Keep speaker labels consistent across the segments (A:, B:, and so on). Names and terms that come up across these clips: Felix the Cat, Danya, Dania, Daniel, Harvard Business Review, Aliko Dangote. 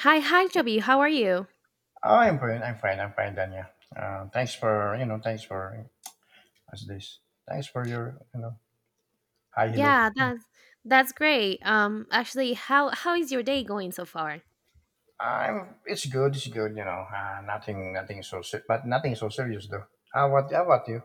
A: Hi, hi, Chubby. How are you?
B: Oh, I'm fine. I'm fine. I'm fine, Dania. Thanks for. Thanks for as this. Thanks for your. Hi, hello.
A: Yeah, that's great. Actually, how is your day going so far?
B: I'm. It's good. It's good. Nothing. Nothing so. But nothing so serious, though. How about you?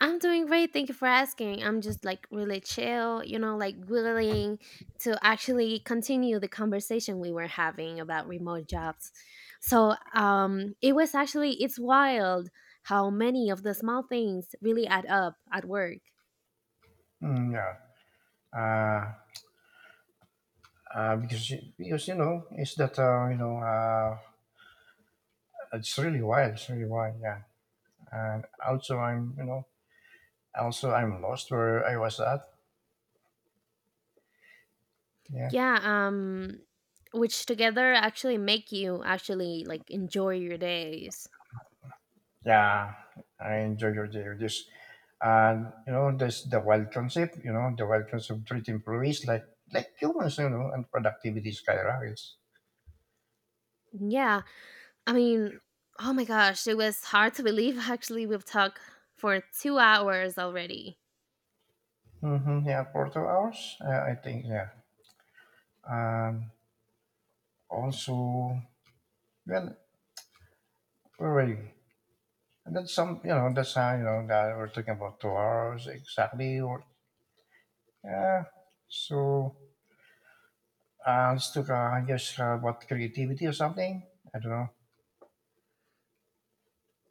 A: I'm doing great. Thank you for asking. I'm just like really chill, like willing to actually continue the conversation we were having about remote jobs. So, it was actually it's wild how many of the small things really add up at work.
B: Mm, yeah. Uh, because you know it's that it's really wild. It's really wild. Yeah. And also I'm you know also I'm lost where I was at. Yeah.
A: Yeah, which together actually make you actually like enjoy your days.
B: Yeah, I enjoy your day with this. And you know, there's the wild concept, you know, the wild concept, treat employees like humans, you know, and productivity skyrockets.
A: Yeah, I mean, oh my gosh, it was hard to believe actually we've talked for 2 hours already.
B: Mm-hmm, yeah, for 2 hours, I think, yeah. And also, well, where were you? And that's some, you know, that's how, you know, that we're talking about 2 hours exactly, or yeah. So, let's talk, I about creativity or something. I don't know.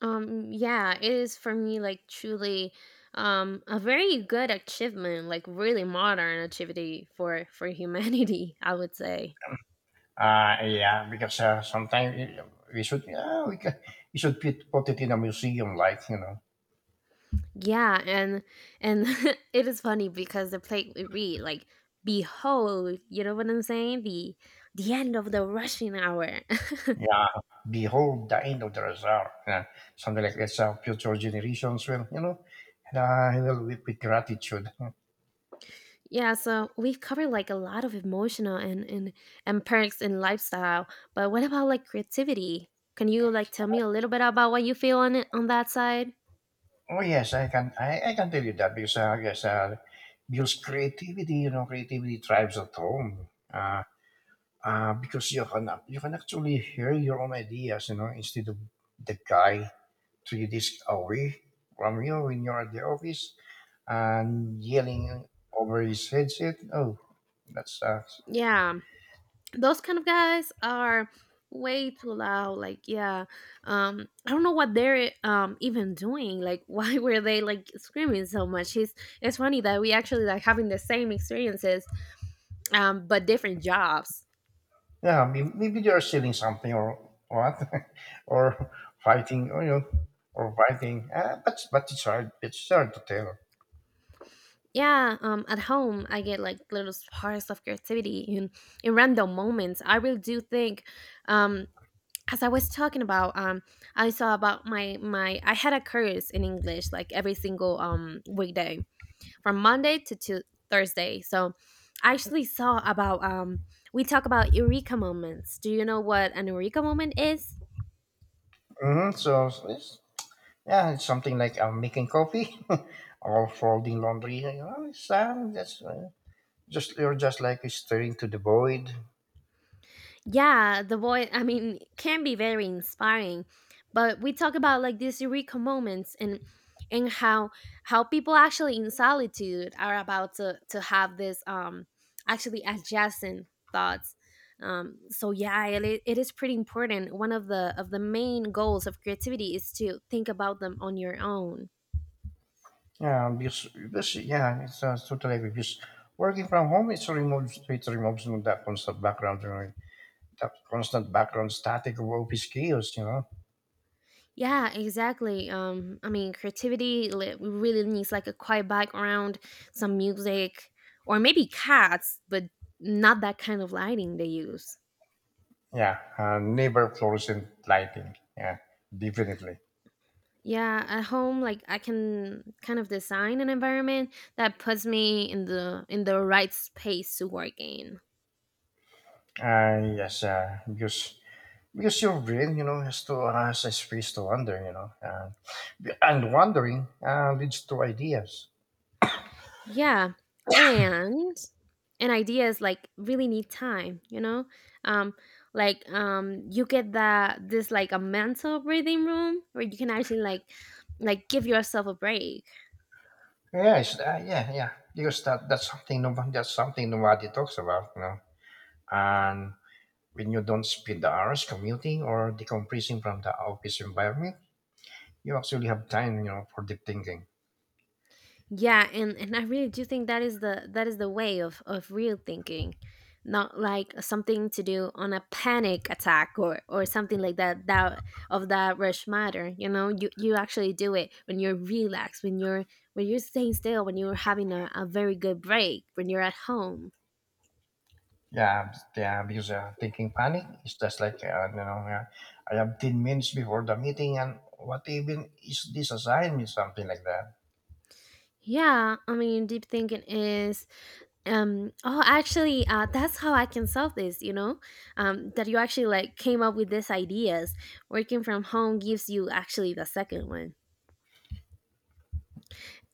A: Yeah, it is for me like truly a very good achievement, like really modern activity for humanity, I would say.
B: Yeah, because sometimes we should, yeah, we, can, we should put it in a museum, like you know.
A: Yeah, and it is funny because the plate we read like behold, you know what I'm saying? The end of the rushing hour.
B: Yeah, behold the end of the Razar, yeah, something like that. So future generations will, you know, will weep with gratitude.
A: Yeah, so we've covered like a lot of emotional and and perks in lifestyle, but what about like creativity? Can you like tell me a little bit about what you feel on it on that side?
B: Oh yes, I can, I can tell you that because because creativity, you know, creativity thrives at home. Because you can actually hear your own ideas, you know, instead of the guy to you this away from you when you're at the office and yelling over his headset. Oh, that sucks.
A: Yeah, those kind of guys are way too loud, like, yeah. I don't know what they're even doing, like, why were they like screaming so much? It's funny that we actually like having the same experiences, but different jobs.
B: Yeah, maybe they are stealing something or what, or fighting, or, you know, or fighting. But it's hard. It's hard to tell.
A: Yeah, at home I get like little sparks of creativity in random moments. I really do think, um as I was talking about, I saw about my my I had a course in English like every single weekday from Monday to Thursday. So I actually saw about, we talk about eureka moments. Do you know what an eureka moment is?
B: Hmm. So it's, yeah, it's something like I'm making coffee or folding laundry. You know, it's, that's just you're just like staring to the void.
A: Yeah, the boy I mean can be very inspiring, but we talk about like these eureka moments and and how how people actually in solitude are about to have this, actually adjacent thoughts. So yeah, it is pretty important. One of the main goals of creativity is to think about them on your own.
B: Yeah, because yeah, it's totally agree. Because working from home, it removes that constant background, you know, that constant background static of office chaos. You know.
A: Yeah, exactly. I mean, creativity really needs like a quiet background, some music, or maybe cats, but not that kind of lighting they use.
B: Yeah, neighbor fluorescent lighting. Yeah, definitely.
A: Yeah, at home, like I can kind of design an environment that puts me in the right space to work in.
B: Yes, because your brain, you know, has to has a space to wander. You know, and wandering leads to ideas.
A: Yeah, and ideas like really need time. Um, like, you get that this like a mental breathing room where you can actually like give yourself a break.
B: Yeah. Because that's something nobody talks about. You know, and when you don't spend the hours commuting or decompressing from the office environment, you actually have time, you know, for deep thinking.
A: Yeah, and I really do think that is the way of real thinking, not like something to do on a panic attack or something like that of that rush matter. You know, you actually do it when you're relaxed, when you're staying still, when you're having a very good break, when you're at home.
B: Yeah, yeah, because thinking panic is just like, I have 10 minutes before the meeting and what even is this assigned me, something like that.
A: Yeah, I mean, deep thinking is, oh, actually, that's how I can solve this, that you actually like came up with these ideas. Working from home gives you actually the second one.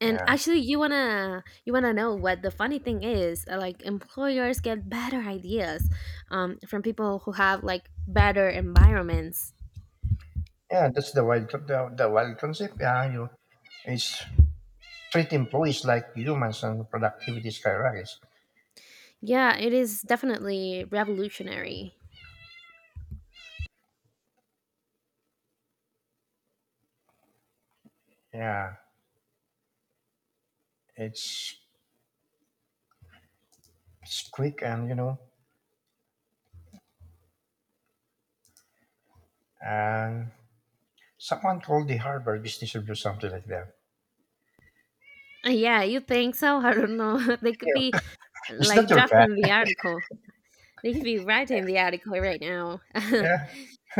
A: And
B: Yeah.
A: actually, you want to know what the funny thing is, like employers get better ideas, from people who have like better environments.
B: Yeah, that's the wild, the wild concept. Yeah, you, it's treat employees like humans and productivity skyrockets.
A: Yeah, it is definitely revolutionary.
B: Yeah, it's, it's quick and, you know, and someone called the Harvard Business Review something like that.
A: Yeah, you think so? I don't know. They could be
B: Yeah. Is that
A: like
B: your
A: drafted
B: cat?
A: in the article. They could be writing the article right now.
B: Yeah.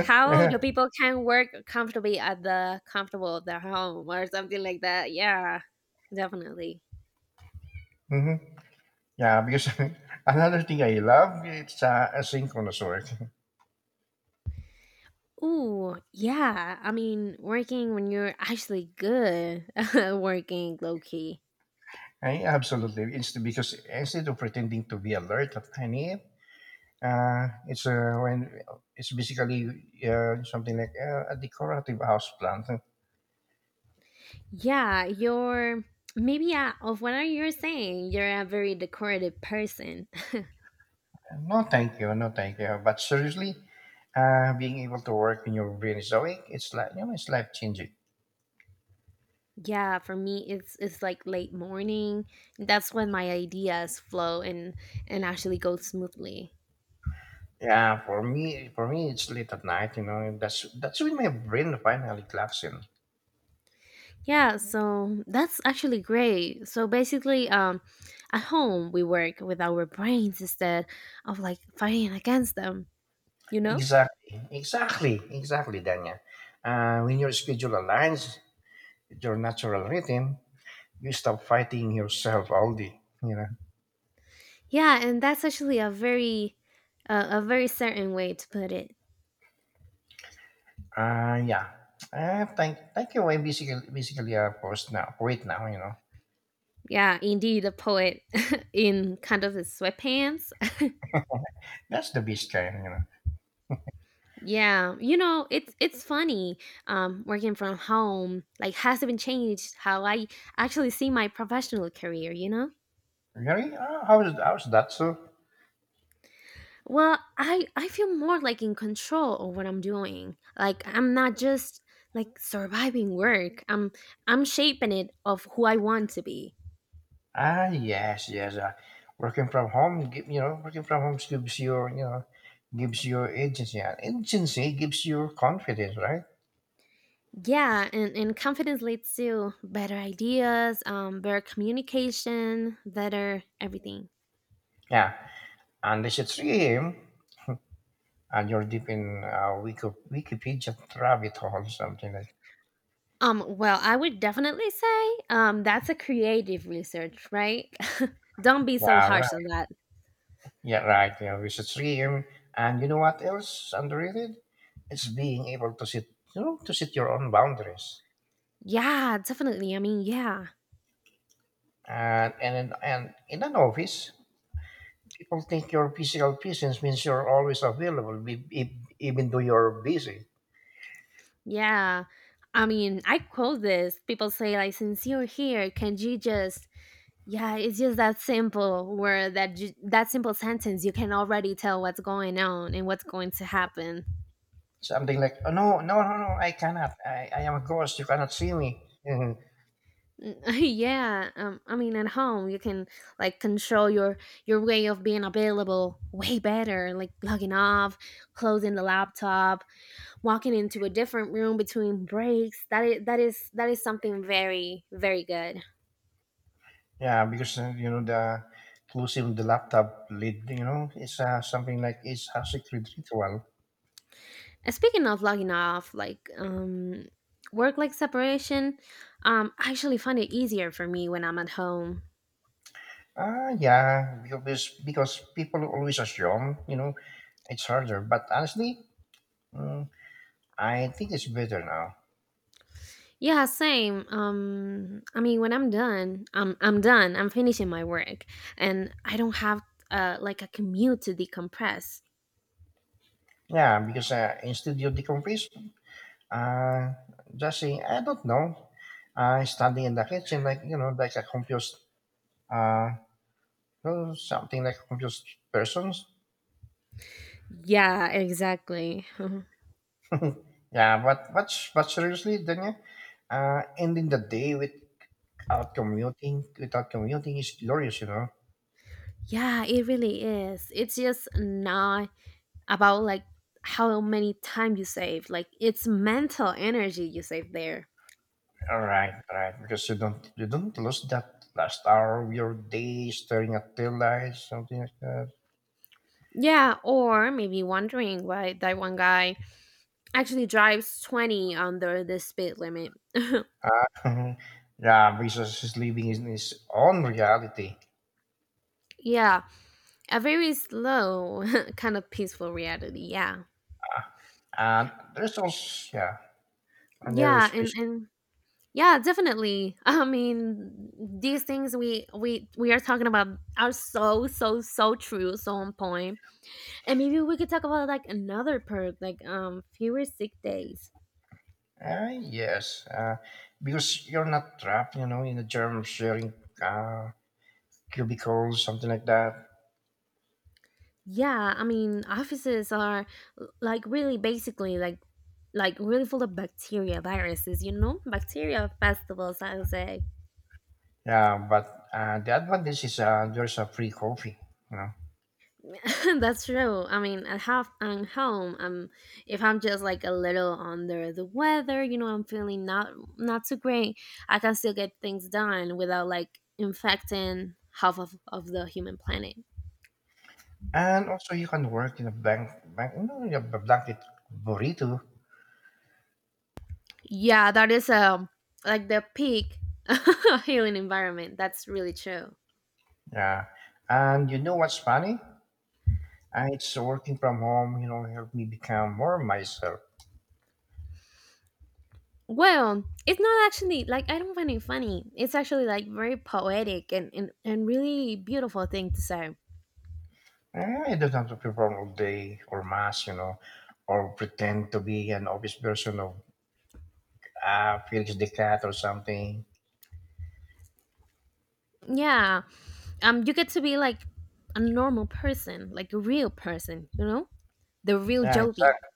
A: How do
B: Yeah.
A: people can work comfortably at the comfortable of their home or something like that? Yeah, definitely.
B: Hmm. Yeah, because another thing I love it's asynchronous work.
A: Ooh, yeah. I mean, working when you're actually good at working low key.
B: I absolutely it's because instead of pretending to be alert at any, it's when it's basically something like a decorative house plant.
A: Yeah, you're maybe, yeah, of what you're saying, you're a very decorative person.
B: No, thank you. No, thank you. But seriously, being able to work in your brain is awake. It's like you know, it's life changing.
A: Yeah, for me it's like late morning. That's when my ideas flow and actually go smoothly.
B: Yeah, for me, it's late at night. You know, that's when my brain finally clocks in.
A: Yeah, so that's actually great. So basically, at home we work with our brains instead of like fighting against them, you know?
B: Exactly, exactly, exactly, Danya. When your schedule aligns with your natural rhythm, you stop fighting yourself all day. You know.
A: Yeah, and that's actually a very certain way to put it.
B: Uh, yeah. Thank, thank you. I'm basically a post now, poet now. You know,
A: Yeah, indeed, a poet in kind of his sweatpants.
B: that's the best kind. You know.
A: Yeah, it's funny. Working from home like has even changed how I actually see my professional career. You know?
B: Really? How's how's that so?
A: Well, I feel more like in control of what I'm doing. Like I'm not just like surviving work. I'm shaping it of who I want to be.
B: Ah, yes, yes. Working from home, you know, working from home gives your, you know, gives your agency. And agency gives you confidence, right?
A: Yeah, and confidence leads to better ideas, better communication, better everything.
B: Yeah. Unless it's 3 a.m. and you're deep in Wikipedia rabbit hole, something like.
A: Well, I would definitely say, that's a creative research, right? Don't be so
B: Yeah, right.
A: harsh on that.
B: Yeah, right. You know, it's at 3 a.m. And you know what else underrated? It's being able to sit, you know, to set your own boundaries.
A: Yeah, definitely. I mean, yeah.
B: And, and in an office, people think your physical presence means you're always available, even though you're busy.
A: Yeah. I mean, I quote this. People say like, since you're here, can you just, yeah, it's just that simple word that that simple sentence you can already tell what's going on and what's going to happen.
B: Something like, oh, no, no, no, no, I cannot. I am a ghost. You cannot see me. Mhm.
A: Yeah, I mean at home you can like control your way of being available way better, like logging off, closing the laptop, walking into a different room between breaks. That is something very very good.
B: Yeah, because, you know, the closing the laptop lid, you know, it's something like it's a secret ritual.
A: And speaking of logging off, like, work like separation, I actually find it easier for me when I'm at home.
B: Ah, yeah, because people always assume, you know, it's harder. But honestly, mm, I think it's better now.
A: Yeah, same. I mean, when I'm done, I'm done. I'm finishing my work, and I don't have like a commute to decompress.
B: Yeah, because instead you decompress. Uh, just saying, I don't know. Standing in the kitchen like you know, like a confused, uh, oh, something like a confused person.
A: Yeah, exactly.
B: Yeah, but seriously, Daniel, ending the day without commuting, without commuting is glorious, you know.
A: Yeah, it really is. It's just not about like how many time you save. Like it's mental energy you save there.
B: All right, because you don't lose that last hour of your day staring at tail lights, something like that.
A: Yeah, or maybe wondering why that one guy actually drives 20 under the speed limit.
B: Uh, yeah, because he's living in his own reality.
A: Yeah, a very slow, kind of peaceful reality. Yeah.
B: And there's also, yeah, another
A: Yeah, and
B: special.
A: yeah, definitely. I mean, these things we are talking about are so so so true, so on point. And maybe we could talk about like another perk, like fewer sick days.
B: uh, yes, uh, because you're not trapped, you know, in a germ sharing uh, cubicle, something like that.
A: Yeah, I mean, offices are like really basically like really full of bacteria, viruses, you know? Bacteria festivals, I would say.
B: Yeah, but the advantage is there's a free coffee, you know,
A: That's true. I mean, at half I'm home. If I'm just like a little under the weather, you know, I'm feeling not too great. I can still get things done without like infecting half of the human planet.
B: and also you can work in a blank you know, in a blanket burrito.
A: Yeah, that is, like the peak healing environment. That's really true.
B: Yeah, and you know what's funny? It's working from home, you know, helped me become more myself.
A: Well, it's not actually like I don't find it funny. It's actually like very poetic, and really beautiful thing to say.
B: Eh, I don't have to perform all day or mass, you know, or pretend to be an obvious version of Felix the Cat or something.
A: Yeah. You get to be like a normal person, like a real person, you know? The real
B: Yeah,
A: Joby.
B: exactly.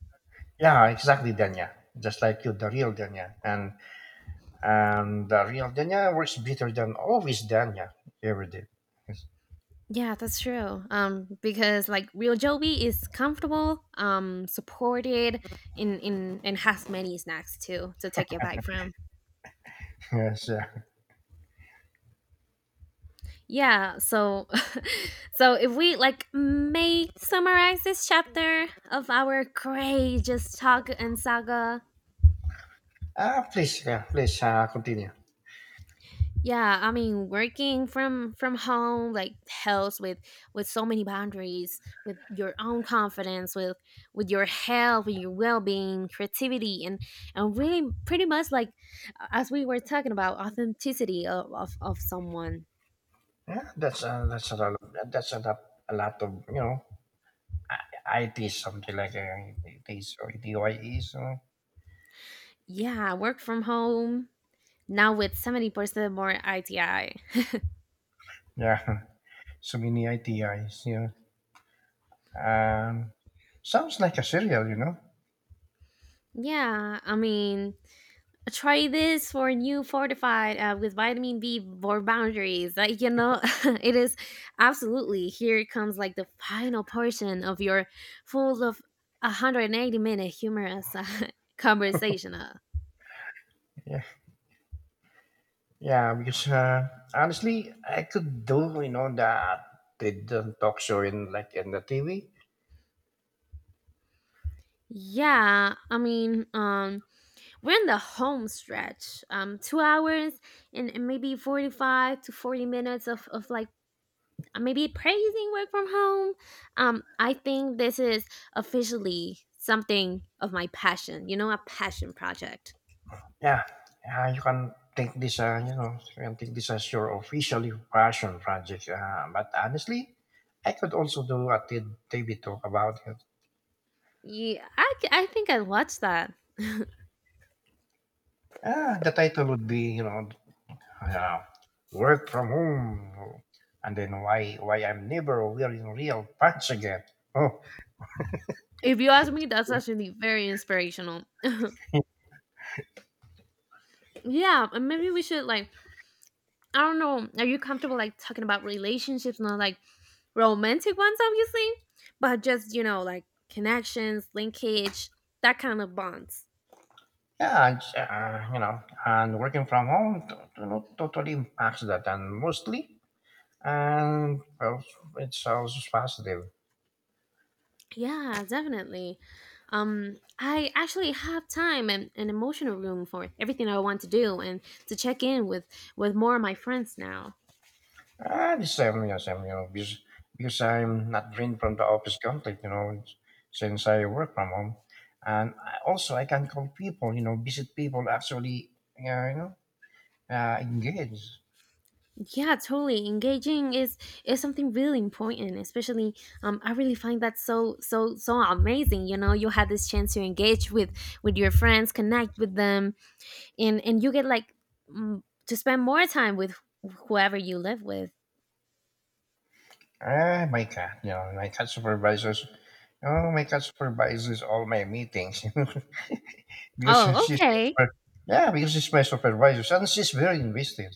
B: Yeah, exactly, Danya. Just like you, the real Danya. And the real Danya works better than always Danya ever did. Yes.
A: Yeah, that's true. Because like real Joby is comfortable, supported in and has many snacks too to take your bite from.
B: Yes, yeah.
A: Yeah, so so if we like may summarize this chapter of our courageous talk and saga.
B: Ah, please, yeah, please continue.
A: Yeah, I mean working from home like helps with so many boundaries, with your own confidence, with your health, with your well-being, creativity and really pretty much like as we were talking about authenticity of someone.
B: Yeah, that's a lot. Of, that's a lot of you know, I- IT something like ITs or ETYEs. You know?
A: Yeah, work from home now with 70% more ITI.
B: Yeah. So many ideas, you know. Um, sounds like a serial, you know.
A: Yeah, I mean, try this for new fortified, with vitamin B for boundaries. It is absolutely here comes like the final portion of your full of 180-minute humorous, conversation.
B: Yeah, yeah. Because honestly, I could do, you know, the talk show in like in the TV.
A: Yeah, I mean, we're in the home stretch. 2 hours and, maybe 45 to 40 minutes of like maybe praising work from home. I think this is officially something of my passion, a passion project.
B: Yeah, you can take this, you know, you can take this as your official passion project. But honestly, I could also do a TV talk about it.
A: Yeah, I think I watched that.
B: Ah, the title would be, you know, yeah, work from home, and then why I'm never wearing real pants again? Oh,
A: If you ask me, that's actually very inspirational. Yeah, and maybe we should, like, I don't know, are you comfortable, like, talking about relationships, not like romantic ones, obviously, but just, like connections, linkage, that kind of bonds?
B: yeah, and, you know, and working from home not totally impacts that, and mostly, and well, it's also positive.
A: Yeah, definitely. I actually have time and, emotional room for everything I want to do and to check in with more of my friends now.
B: And the same, yes, I'm, you know, because I'm not drained from the office conflict, you know, since I work from home, and I, also I can call people, you know, visit people, actually, uh, you know, engage.
A: Yeah, totally. Engaging is something really important, especially I really find that so so so amazing, you had this chance to engage with your friends, connect with them and you get like, to spend more time with whoever you live with.
B: Ah, my cat, you know, my cat supervisors. Oh, my cat supervises all my meetings because
A: Oh,
B: she's my
A: okay.
B: super, yeah, because she's my supervisor and she's very invested.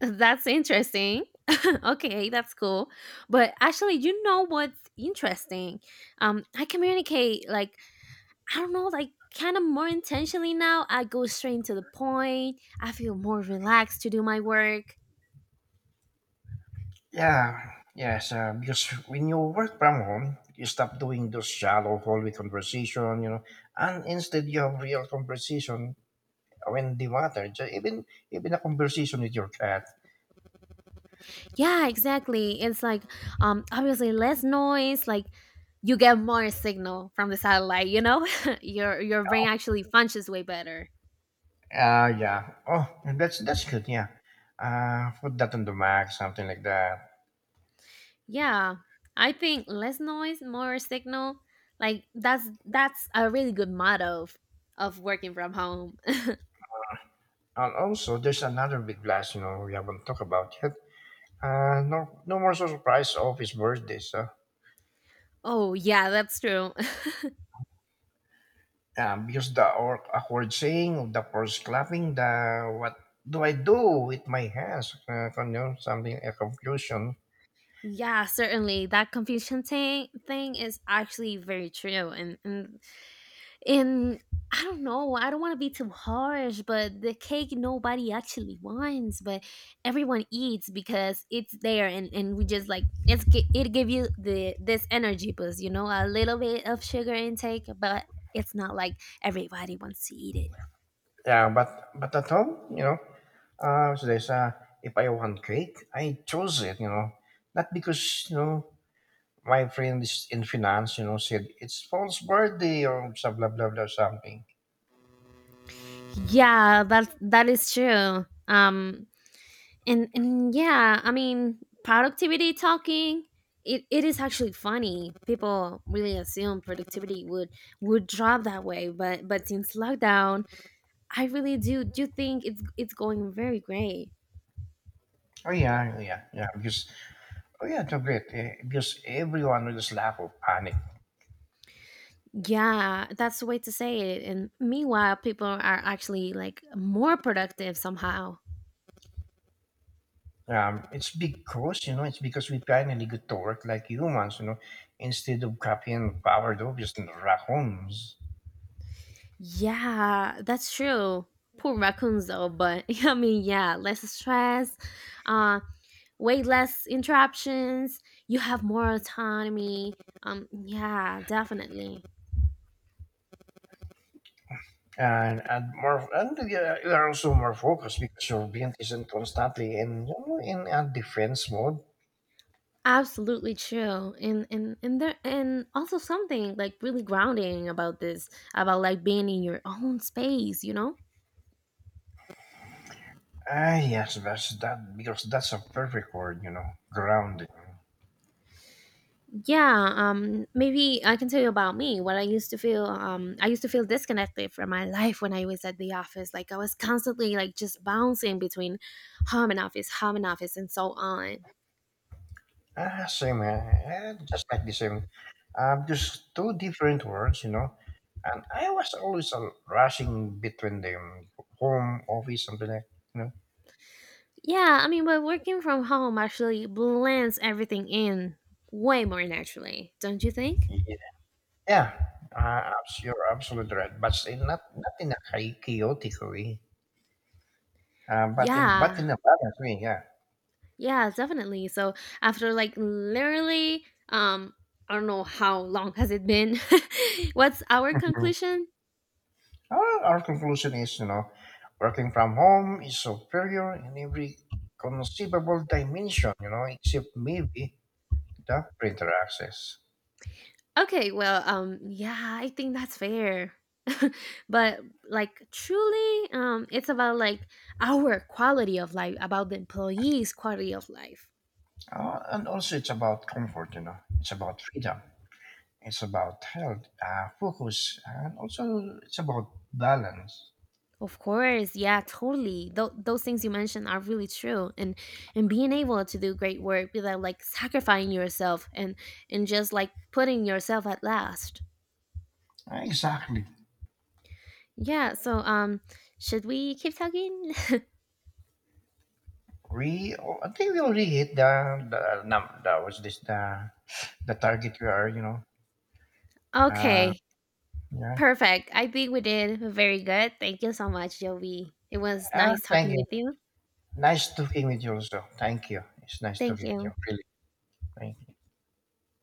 A: That's interesting. Okay, that's cool. But actually, you know what's interesting? I communicate like, I don't know, like kind of more intentionally now. I go straight to the point. I feel more relaxed to do my work.
B: Yeah, yes, because when you work from home, you stop doing those shallow hallway conversation, you know, and instead you have real conversation when they matter. Even even a conversation with your cat.
A: Yeah, exactly. It's like, obviously less noise, like you get more signal from the satellite, you know? Your brain actually functions way better.
B: Yeah. Oh, that's good. Yeah. Put that on the mag, something like that.
A: Yeah, I think less noise, more signal. Like that's a really good motto of, working from home.
B: And also, there's another big blast, you know, we haven't talked about yet. No, no more so surprise office birthdays. Birthday.
A: Oh yeah, that's true.
B: So, because the awkward saying of the first clapping, the what do I do with my hands? You know, something a confusion.
A: Yeah, certainly that confusion thing is actually very true, and I don't know, I don't want to be too harsh, but the cake nobody actually wants, but everyone eats because it's there, and we just like, it's it give you the this energy boost, a little bit of sugar intake, but it's not like everybody wants to eat it.
B: Yeah, but at home, you know, so there's if I want cake, I chose it, you know, not because you know my friend is in finance, you know, said it's false birthday or some blah blah blah something.
A: Yeah, that is true. And yeah, I mean productivity talking, it is actually funny. People really assume productivity would drop that way, but since lockdown I really do think it's going very great.
B: Oh yeah, yeah, yeah. Because oh yeah, they're great eh, because everyone will just laugh or panic.
A: Yeah, that's the way to say it, and meanwhile people are actually like more productive somehow.
B: It's because you know it's because we finally get to work like humans, you know, instead of copying sourdough just raccoons.
A: Yeah, that's true. Poor raccoons though. But I mean, yeah, less stress, um way less interruptions, you have more autonomy, yeah, definitely.
B: And more and you are also more focused because your brain isn't constantly in you know, in a defense mode.
A: Absolutely true. And there, and also something like really grounding about this, about like being in your own space.
B: Ah yes, that's that because that's a perfect word, you know, grounded.
A: Yeah, maybe I can tell you about me what I used to feel. I used to feel disconnected from my life when I was at the office. Like I was constantly, like, just bouncing between home and office, home and office, and so on.
B: Ah, same, eh? Just like the same. Just two different words, you know. And I was always rushing between them, home, office, something like, you know.
A: Yeah, I mean, but working from home actually blends everything in way more naturally, don't you think?
B: Yeah, yeah you're absolutely right. But in not not in a chaotic way,
A: Yeah,
B: but in a balanced way, yeah.
A: yeah, definitely. So after like literally, I don't know how long has it been. What's our
B: Mhm.
A: conclusion?
B: Our conclusion is, you know, working from home is superior in every conceivable dimension, you know, except maybe the printer access.
A: Okay, well, yeah, I think that's fair. But like truly, it's about like our quality of life, about the employees' quality of life.
B: And also, it's about comfort, you know, it's about freedom, it's about health, focus, and also it's about balance.
A: Of course, yeah, totally. Those things you mentioned are really true, and being able to do great work without like sacrificing yourself and just like putting yourself at last.
B: Exactly.
A: Yeah. So, should we keep talking?
B: We, oh, I think we already hit the number. That was this the target we are, you know. Uh,
A: Okay,
B: yeah.
A: perfect. I think we did very good. Thank you so much, Jovi. It was nice
B: Thank
A: talking
B: you.
A: with you.
B: Nice talking with you, also. Thank you. It's nice
A: Thank
B: talking with you.
A: you.
B: Really. Thank you.